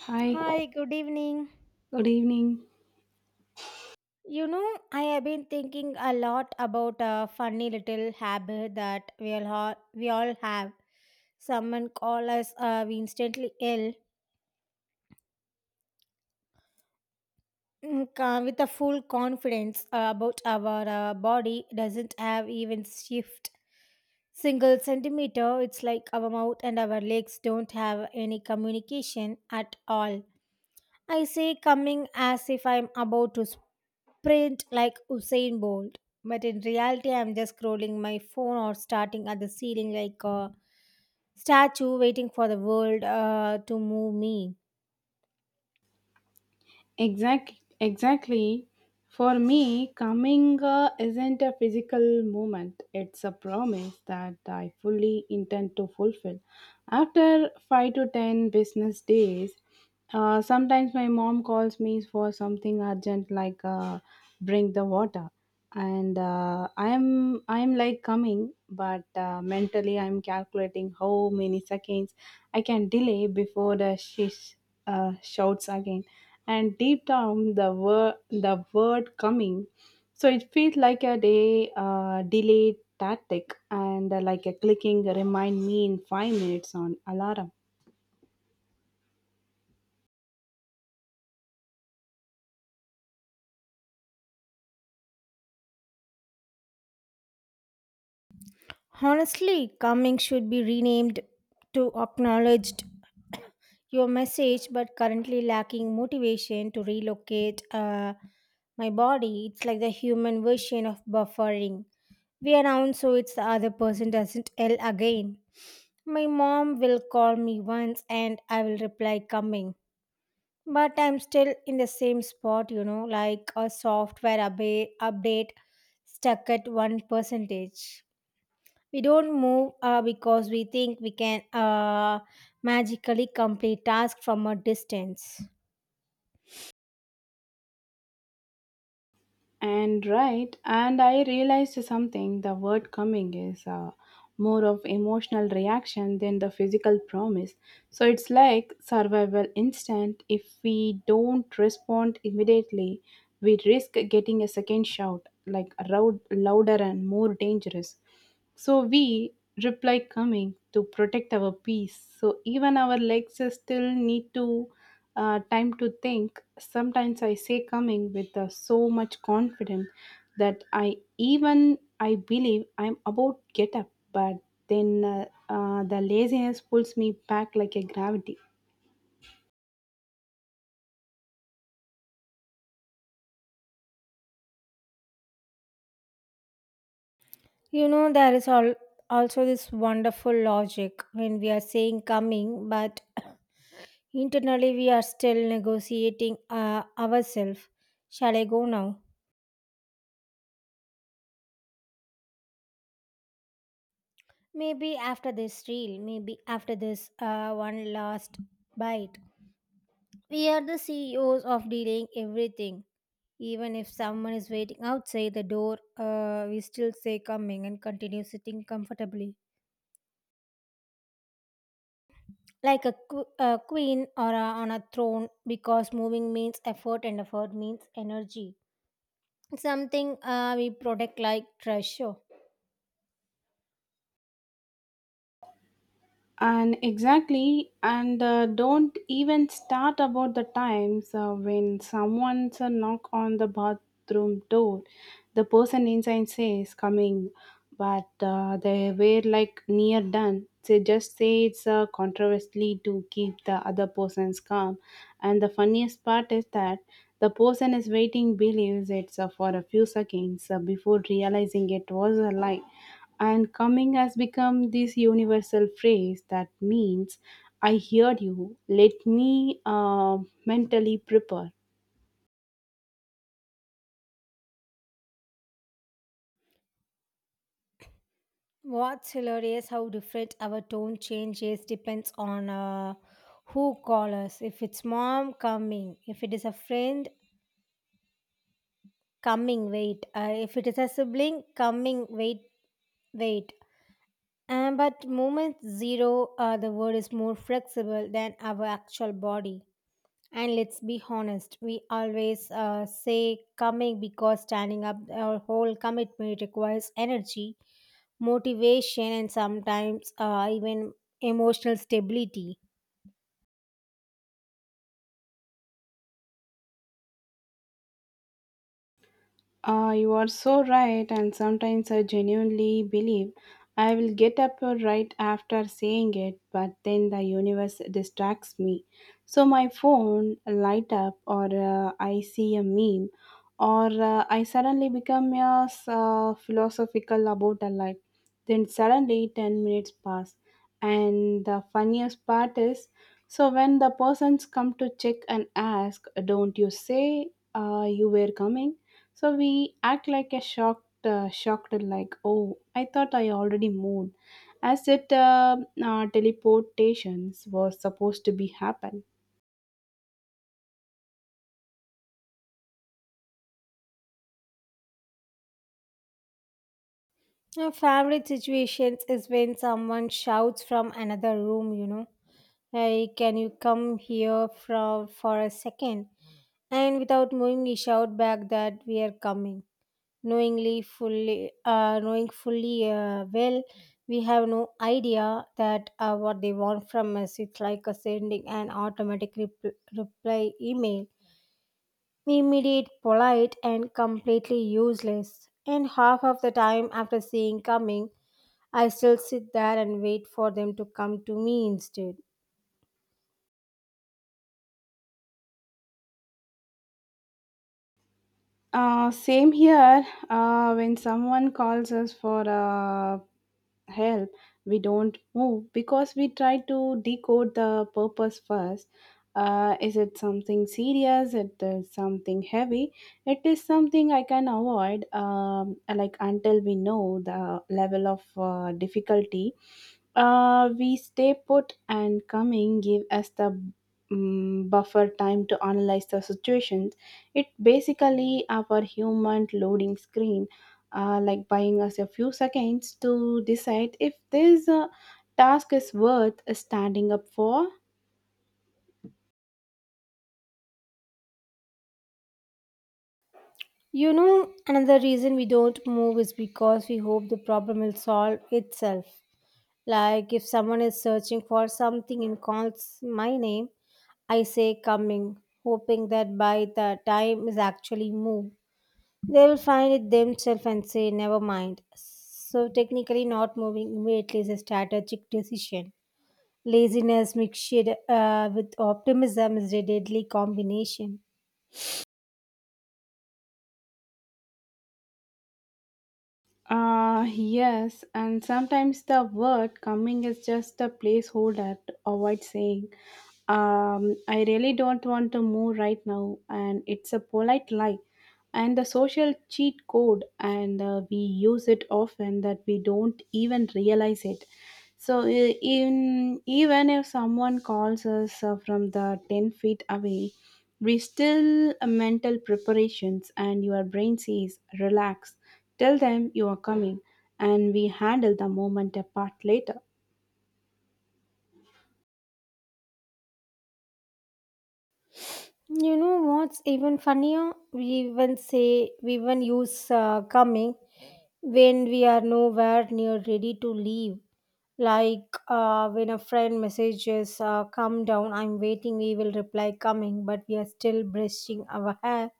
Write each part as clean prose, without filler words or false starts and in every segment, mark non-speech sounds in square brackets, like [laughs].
Hi, Hi, good evening. good evening. You know, I have been thinking a lot about a funny little habit that we all have. Someone call us, we instantly ill with a full confidence about our body doesn't have even shift single centimeter. It's like our mouth and our legs don't have any communication at all. I say coming as if I'm about to sprint like Usain Bolt, but in reality, I'm just scrolling my phone or starting at the ceiling like a statue waiting for the world to move me. Exact, exactly. For me, coming isn't a physical moment. It's a promise that I fully intend to fulfill. After five to ten business days, sometimes my mom calls me for something urgent, like bring the water, and I'm like coming, but mentally I'm calculating how many seconds I can delay before the she sh- shouts again, and deep down the word coming. So it feels like a day delayed tactic, and like a clicking remind me in 5 minutes on alarm. Honestly, coming should be renamed to acknowledged your message, but currently lacking motivation to relocate my body. It's like the human version of buffering. We are announce so it's the other person doesn't yell again. My mom will call me once and I will reply coming. But I'm still in the same spot, you know, like a software update stuck at 1%. We don't move because we think we can magically complete tasks from a distance. And I realized something: the word coming is more of emotional reaction than the physical promise. So it's like survival instinct. If we don't respond immediately, we risk getting a second shout, like a louder and more dangerous. So we reply coming to protect our peace. So even our legs still need to time to think. Sometimes I say coming with so much confidence that I believe I'm about get up, but then the laziness pulls me back like a gravity. You know, there is all, also this wonderful logic when we are saying coming, but internally, we are still negotiating ourselves. Shall I go now? Maybe after this reel, maybe after this one last bite. We are the CEOs of delaying everything. Even if someone is waiting outside the door, we still say coming and continue sitting comfortably. Like a, a queen or a, on a throne, because moving means effort and effort means energy. Something we protect like treasure. And exactly and Don't even start about the times when someone's a knock on the bathroom door, the person inside says coming, but they were like near done. They just say it's controversially to keep the other person's calm. And the funniest part is that the person is waiting, believes it's for a few seconds before realizing it was a lie. And coming has become this universal phrase that means, I heard you, let me mentally prepare. What's hilarious how different our tone changes depends on who calls us. If it's mom, coming. If it is a friend, coming, wait. If it is a sibling, coming, wait, wait. And but moment zero, the word is more flexible than our actual body. And let's be honest, we always say coming because standing up, our whole commitment requires energy motivation and sometimes even emotional stability. You are so right, and sometimes I genuinely believe I will get up right after saying it, but then the universe distracts me. So my phone light up, or I see a meme, or I suddenly become philosophical about a life. Then suddenly 10 minutes pass, and the funniest part is, so when the persons come to check and ask, "Don't you say you were coming?" So we act like a shocked, like, oh, I thought I already moved, as if teleportations was supposed to be happen. My favorite situations is when someone shouts from another room, you know, like, can you come here from for a second? And without knowing, we shout back that we are coming. Knowing fully well, we have no idea that what they want from us. It's like a sending an automatic reply email immediate, polite, and completely useless. And half of the time after seeing coming, I still sit there and wait for them to come to me instead. Same here. When someone calls us for a help, we don't move because we try to decode the purpose first. Is it something serious, it is something heavy, it is something I can avoid, like, until we know the level of difficulty, we stay put, and coming give us the buffer time to analyze the situations. It basically our human loading screen, like buying us a few seconds to decide if this task is worth standing up for. You know, another reason we don't move is because we hope the problem will solve itself. Like if someone is searching for something and calls my name, I say coming, hoping that by the time is actually moved, they will find it themselves and say, never mind. So, technically, not moving immediately is a strategic decision. Laziness mixed with optimism is a deadly combination. Yes, and sometimes the word coming is just a placeholder to avoid saying, I really don't want to move right now, and it's a polite lie. And the social cheat code, and we use it often that we don't even realize it. So, even if someone calls us from the 10 feet away, we still mental preparations, and your brain says, relax, tell them you are coming, and we handle the moment apart later. You know what's even funnier? We even use coming when we are nowhere near ready to leave. Like when a friend messages, come down, I'm waiting, we will reply coming, but we are still brushing our hair,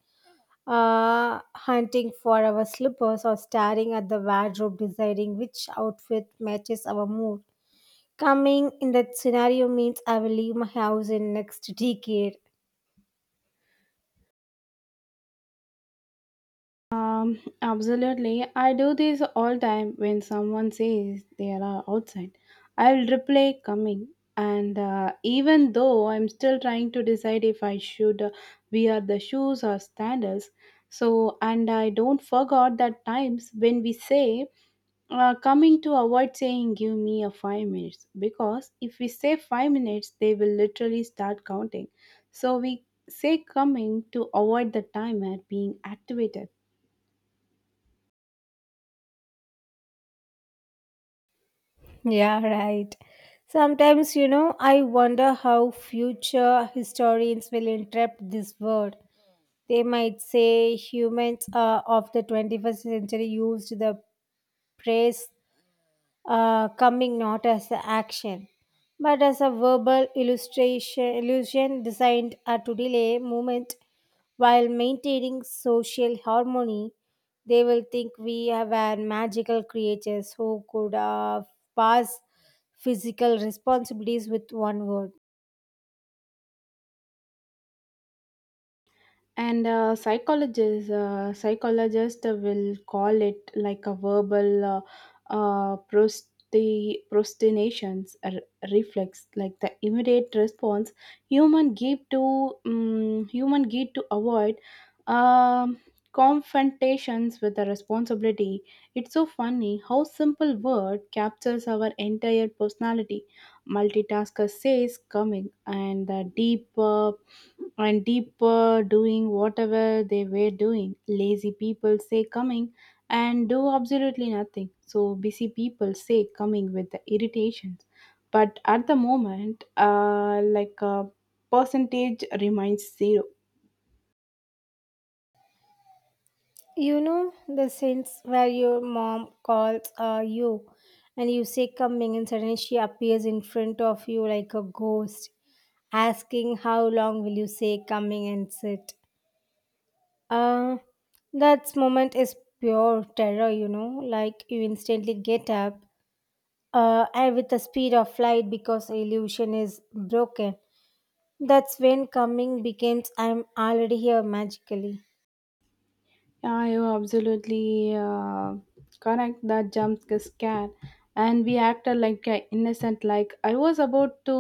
hunting for our slippers, or staring at the wardrobe, deciding which outfit matches our mood. Coming in that scenario means I will leave my house in next [laughs] decade. Absolutely. I do this all time when someone says they are outside. I'll replay coming. And even though I'm still trying to decide if I should wear the shoes or sandals, so and I don't forget that times when we say coming to avoid saying give me a 5 minutes, because if we say 5 minutes they will literally start counting. So we say coming to avoid the timer being activated. Yeah, right. Sometimes, you know, I wonder how future historians will interpret this word. They might say humans of the 21st century used the phrase coming not as a action but as a verbal illustration illusion designed to delay movement while maintaining social harmony. They will think we were magical creatures who could pass physical responsibilities with one word. And psychologist will call it like a verbal prostinations reflex, like the immediate response human give to avoid um, confrontations with the responsibility. It's so funny how simple word captures our entire personality. Multitasker says coming and the deeper doing whatever they were doing. Lazy people say coming and do absolutely nothing. So busy people say coming with the irritations. But at the moment, like a percentage remains zero. You know the sense where your mom calls you and you say coming and suddenly she appears in front of you like a ghost asking how long will you say coming and sit. Uh, that moment is pure terror, you know, like you instantly get up and with the speed of light because illusion is broken. That's when coming becomes I'm already here magically. Yeah, you're absolutely correct. That jump scare, and we acted like innocent. Like I was about to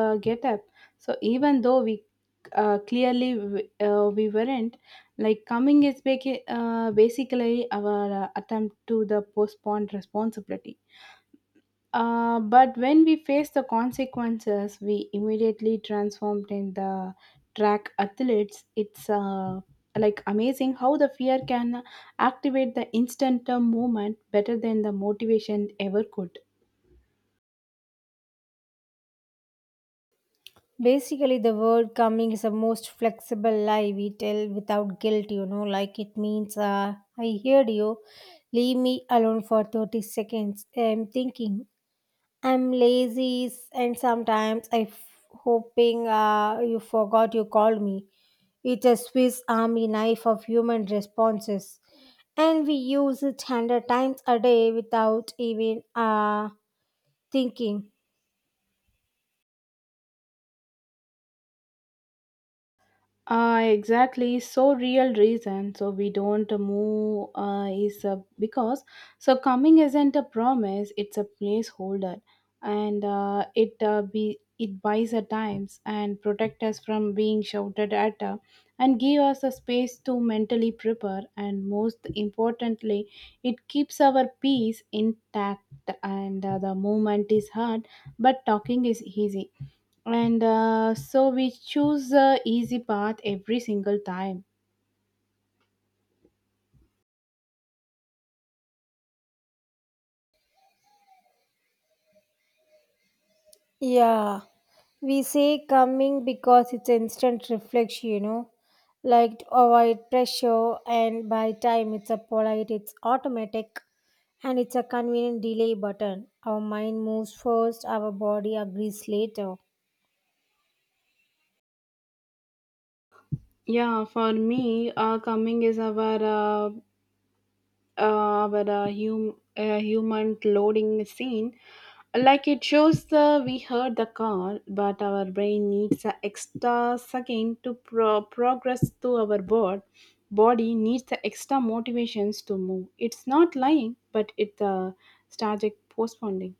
get up. So even though we clearly we weren't, like coming is basically our attempt to the postpone responsibility. But when we face the consequences, we immediately transformed in the track athletes. It's like amazing how the fear can activate the instant movement better than the motivation ever could. Basically, the word coming is the most flexible lie we tell without guilt, you know, like it means, I heard you, leave me alone for 30 seconds. I'm thinking, I'm lazy, and sometimes I'm hoping you forgot you called me. It's a Swiss army knife of human responses, and we use it 100 times a day without even thinking. Exactly. So real reason. So we don't move is because so coming isn't a promise. It's a placeholder. And it buys our times and protect us from being shouted at, and give us a space to mentally prepare, and most importantly it keeps our peace intact. And the movement is hard, but talking is easy. And so we choose the easy path every single time. Yeah, we say coming because it's instant reflection, you know, like to avoid pressure, and by time it's a polite, it's automatic, and it's a convenient delay button. Our mind moves first, our body agrees later. Yeah, for me, coming is our, a human loading scene. Like it shows the we heard the call, but our brain needs an extra second to progress to our board. Body needs the extra motivations to move. It's not lying, but it's a strategic postponing.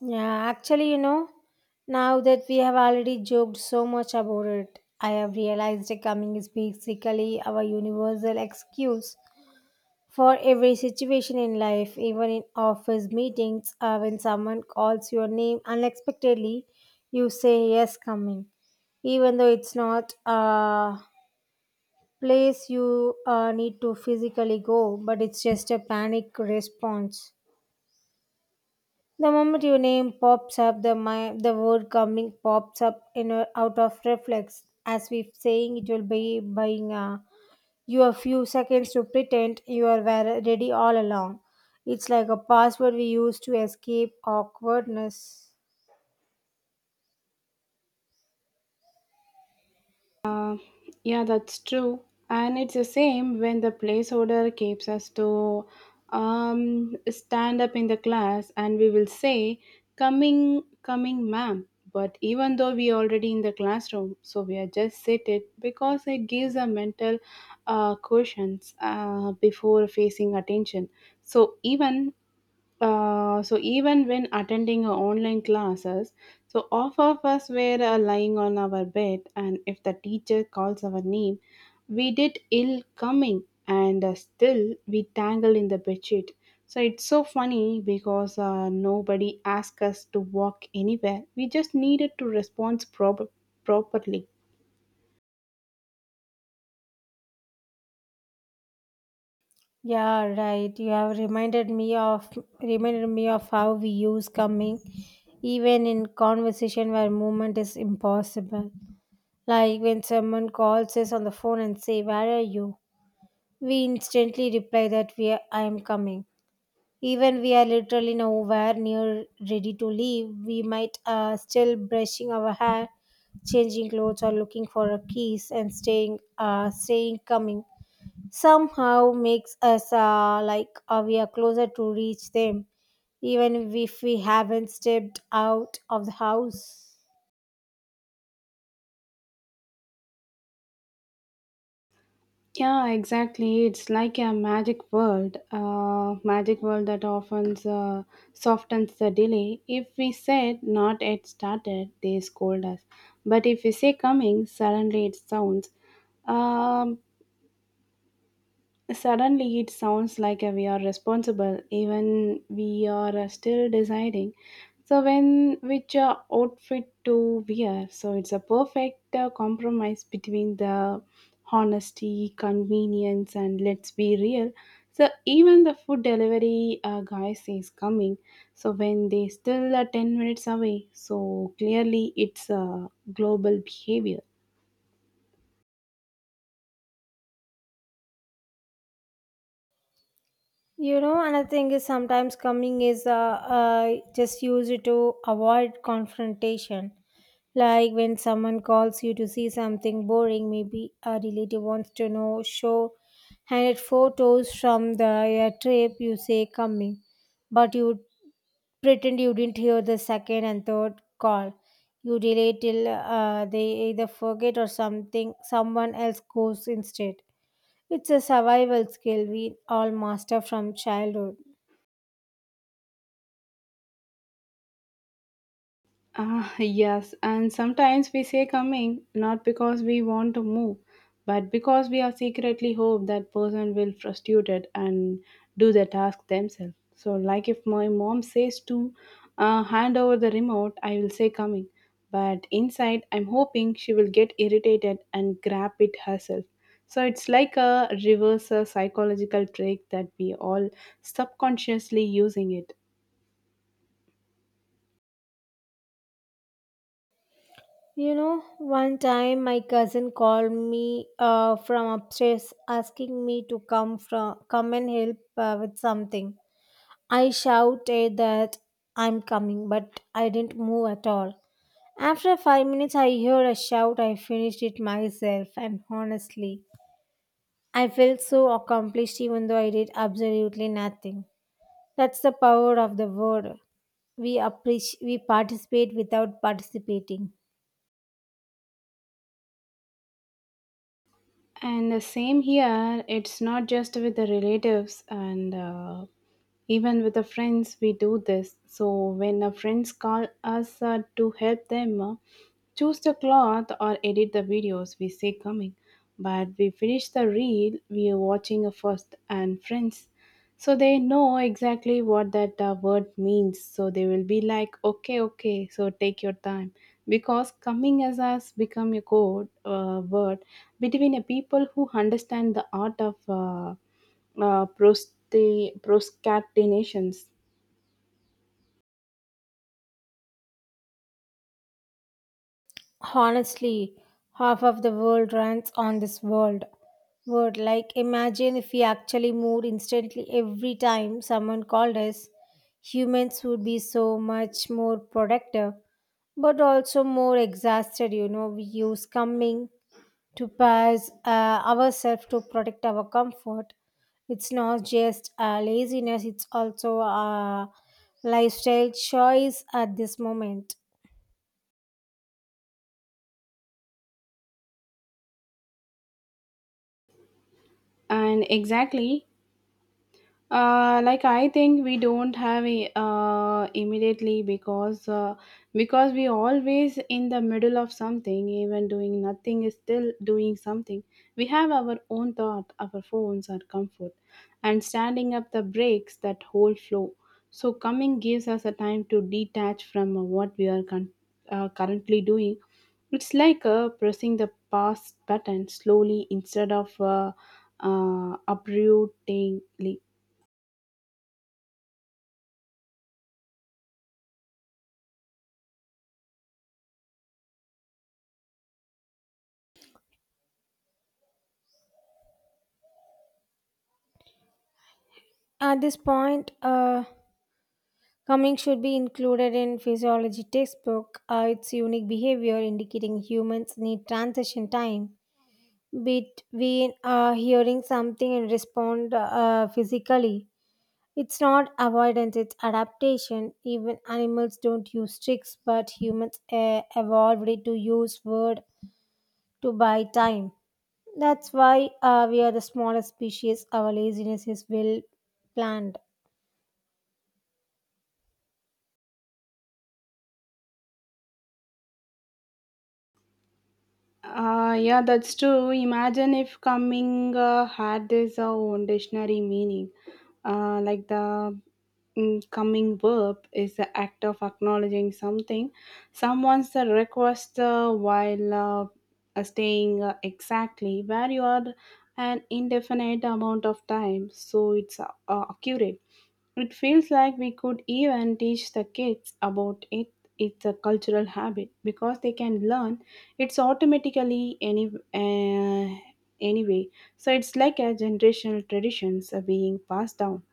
Yeah, actually, you know, now that we have already joked so much about it, I have realized that coming is basically our universal excuse for every situation in life, even in office meetings, when someone calls your name unexpectedly, you say yes, coming, even though it's not a place you need to physically go, but it's just a panic response. The moment your name pops up, the word coming pops up in a, out of reflex, as if saying it will be buying a you have few seconds to pretend you ready all along. It's like a password we use to escape awkwardness. Uh, yeah, that's true. And it's the same when the placeholder keeps us to stand up in the class and we will say, coming, ma'am. But even though we already in the classroom, so we are just seated because it gives a mental cushions before facing attention. So even so even when attending her online classes, so half of us were lying on our bed, and if the teacher calls our name, we did ill coming, and still we tangled in the bedsheet. So it's so funny because nobody asked us to walk anywhere. We just needed to respond properly. Yeah, right. You have reminded me of how we use coming even in conversation where movement is impossible. Like when someone calls us on the phone and say, "Where are you?" We instantly reply that I am coming. Even we are literally nowhere near ready to leave, we might still brushing our hair, changing clothes, or looking for a keys and staying coming. Somehow makes us like we are closer to reach them, even if we haven't stepped out of the house. Yeah, exactly. It's like a magic world that often softens the delay. If we said not yet started, they scold us. But if we say coming, suddenly it sounds. Um, Suddenly, it sounds like we are responsible, even we are still deciding. So, when which outfit to wear? So, it's a perfect compromise between the honesty, convenience, and let's be real. So, even the food delivery guy says coming. So, when they still are 10 minutes away, so clearly it's a global behavior. You know, another thing is sometimes coming is just use it to avoid confrontation. Like when someone calls you to see something boring, maybe a relative wants to know, show handed photos from the trip, you say coming, but you pretend you didn't hear the second and third call. You delay till they either forget or something, someone else goes instead. It's a survival skill we all master from childhood. Ah, yes, and sometimes we say coming not because we want to move, but because we are secretly hope that person will frustrated and do the task themselves. So, like if my mom says to hand over the remote, I will say coming, but inside I'm hoping she will get irritated and grab it herself. So it's like a reverse psychological trick that we all subconsciously using it. You know, one time my cousin called me from upstairs asking me to come and help with something. I shouted that I'm coming, but I didn't move at all. After 5 minutes, I heard a shout. I finished it myself, and honestly, I felt so accomplished even though I did absolutely nothing. That's the power of the word. We appreciate, we participate without participating. And the same here, it's not just with the relatives, and even with the friends we do this. So when the friends call us to help them, choose the cloth or edit the videos, we say coming, but we finish the reel we are watching first. And friends, so they know exactly what that word means, so they will be like, okay, okay, so take your time, because coming as us become a code word between a people who understand the art of proscatinations. Honestly, half of the world runs on this world. Word like imagine if we actually moved instantly every time someone called us, humans would be so much more productive, but also more exhausted. You know, we use coming to pass ourselves to protect our comfort. It's not just laziness; it's also a lifestyle choice at this moment. And exactly. Like I think we don't have a, immediately because we always in the middle of something, even doing nothing is still doing something. We have our own thought, our phones, our comfort, and standing up the breaks that whole flow. So coming gives us a time to detach from what we are currently doing. It's like pressing the pause button slowly instead of uprootingly. At this point, coming should be included in physiology textbook. Its unique behavior indicating humans need transition time between hearing something and respond physically. It's not avoidance; it's adaptation. Even animals don't use tricks, but humans evolved to use word to buy time. That's why we are the smallest species. Our laziness is well planned. Yeah, that's true. Imagine if coming had this own dictionary meaning. Like coming verb is the act of acknowledging something, someone's request while staying exactly where you are an indefinite amount of time. So it's accurate. It feels like we could even teach the kids about it. It's a cultural habit because they can learn it's automatically any, uh, anyway. So it's like a generational traditions are being passed down.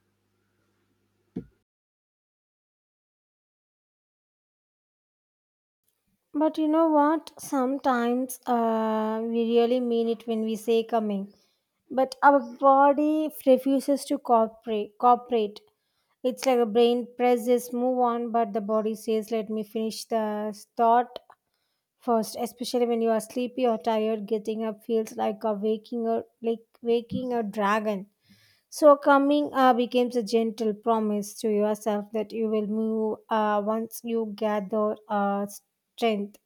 But you know what? Sometimes we really mean it when we say coming, but our body refuses to cooperate. Cooperate. It's like a brain presses move on, but the body says, "Let me finish the thought first." Especially when you are sleepy or tired, getting up feels like a waking or like waking a dragon. So coming becomes a gentle promise to yourself that you will move once you gather strength.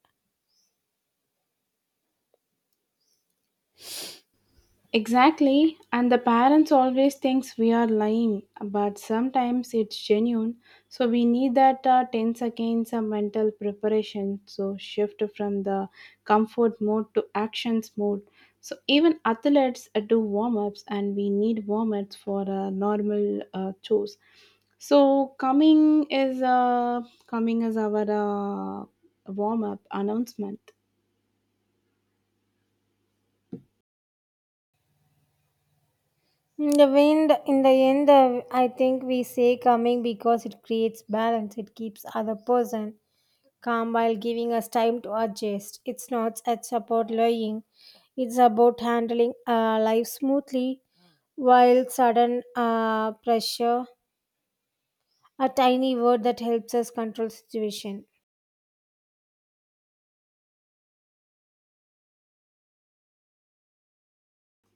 Exactly, and the parents always thinks we are lying, but sometimes it's genuine. So we need that 10 seconds of mental preparation. So shift from the comfort mode to actions mode. So even athletes do warm ups, and we need warm ups for normal chores. So coming is our warm up announcement. Mm, the wind, in the end, I think we say coming because it creates balance. It keeps other person calm while giving us time to adjust. It's not it's about lying. It's about handling life smoothly while sudden pressure, a tiny word that helps us control situation.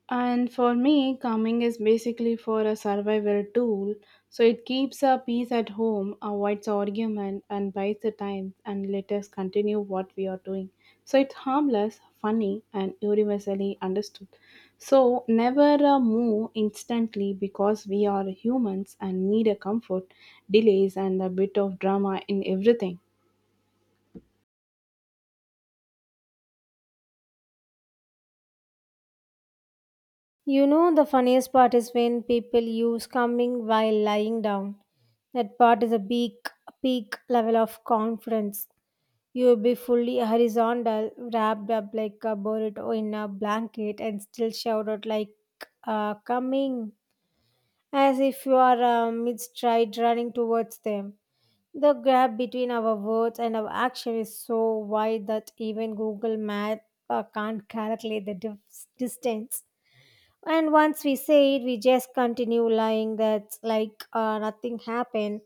And for me, calming is basically for a survival tool. So it keeps our peace at home, avoids argument, and buys the time and let us continue what we are doing. So it's harmless, funny, and universally understood. So never move instantly because we are humans and need a comfort, delays, and a bit of drama in everything. You know, the funniest part is when people use coming while lying down. That part is a big, peak level of confidence. You'll be fully horizontal, wrapped up like a burrito in a blanket, and still shout out like, coming, as if you are mid stride running towards them. The gap between our words and our action is so wide that even Google Maps can't calculate the distance. And once we say it, we just continue lying that's like nothing happened,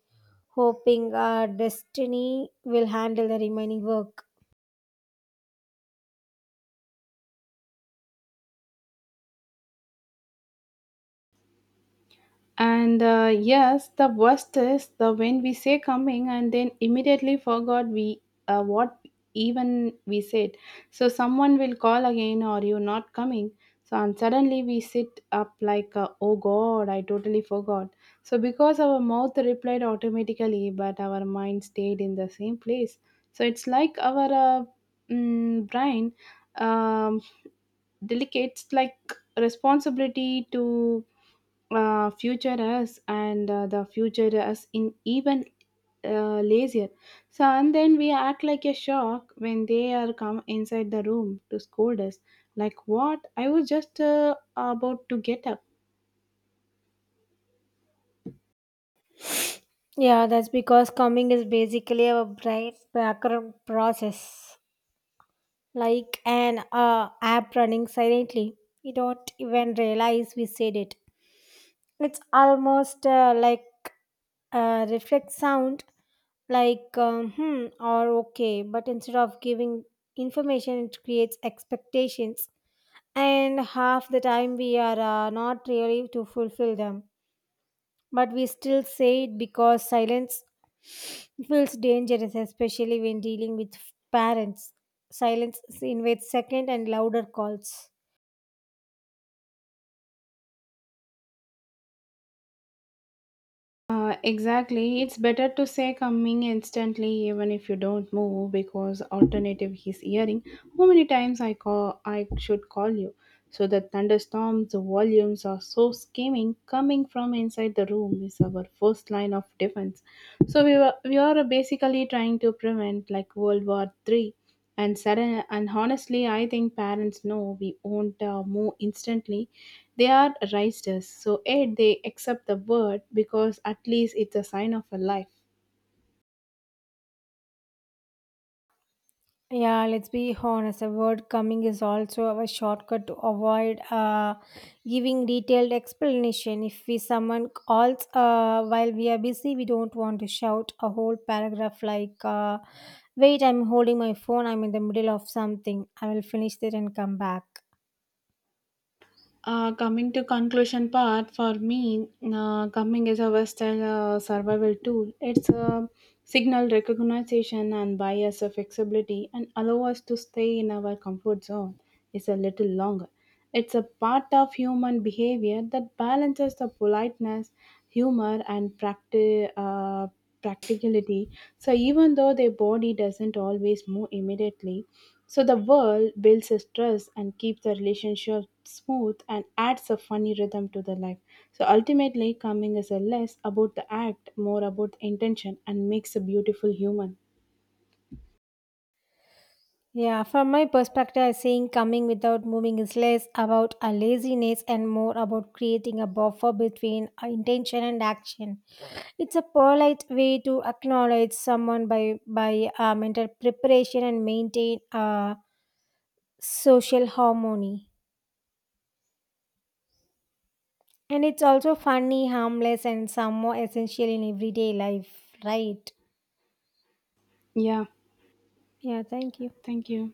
hoping our destiny will handle the remaining work. And yes, the worst is the when we say coming and then immediately forgot we, what even we said. So someone will call again, or you not coming? So and suddenly we sit up like, oh God, I totally forgot. So because our mouth replied automatically, but our mind stayed in the same place. So it's like our, brain um, delegates like responsibility to future us, and the future us in even lazier. So and then we act like a shock when they are come inside the room to scold us. Like what? I was just about to get up. Yeah, that's because combing is basically a bright background process, like an app running silently. We don't even realize we said it. It's almost like a reflex sound, like hmm or okay, but instead of giving information, it creates expectations, and half the time we are not really to fulfill them but we still say it because silence feels dangerous, especially when dealing with parents. Silence invites second and louder calls. Exactly. It's better to say coming instantly even if you don't move, because alternative is hearing how many times I call I should call you. So the thunderstorms the volumes are so scheming, coming from inside the room is our first line of defense. So we are basically trying to prevent like World War III. And honestly I think parents know we won't move instantly. They are raised us, so yet they accept the word because at least it's a sign of a life. Yeah, let's be honest. A word coming is also a shortcut to avoid giving detailed explanation. If we someone calls while we are busy, we don't want to shout a whole paragraph like, "Wait, I'm holding my phone. I'm in the middle of something. I will finish it and come back." Coming to conclusion part for me, coming is a Western survival tool. It's a signal recognition and bias of flexibility and allow us to stay in our comfort zone. It's a little longer. It's a part of human behavior that balances the politeness, humor, and practice practicality. So even though their body doesn't always move immediately, so the world builds a stress and keeps the relationship smooth and adds a funny rhythm to the life. So ultimately, coming is a less about the act, more about the intention, and makes a beautiful human. Yeah, from my perspective, I think coming without moving is less about a laziness and more about creating a buffer between intention and action. It's a polite way to acknowledge someone by mental preparation and maintain social harmony. And it's also funny, harmless, and somewhat essential in everyday life, right? Yeah, Yeah, thank you. thank you.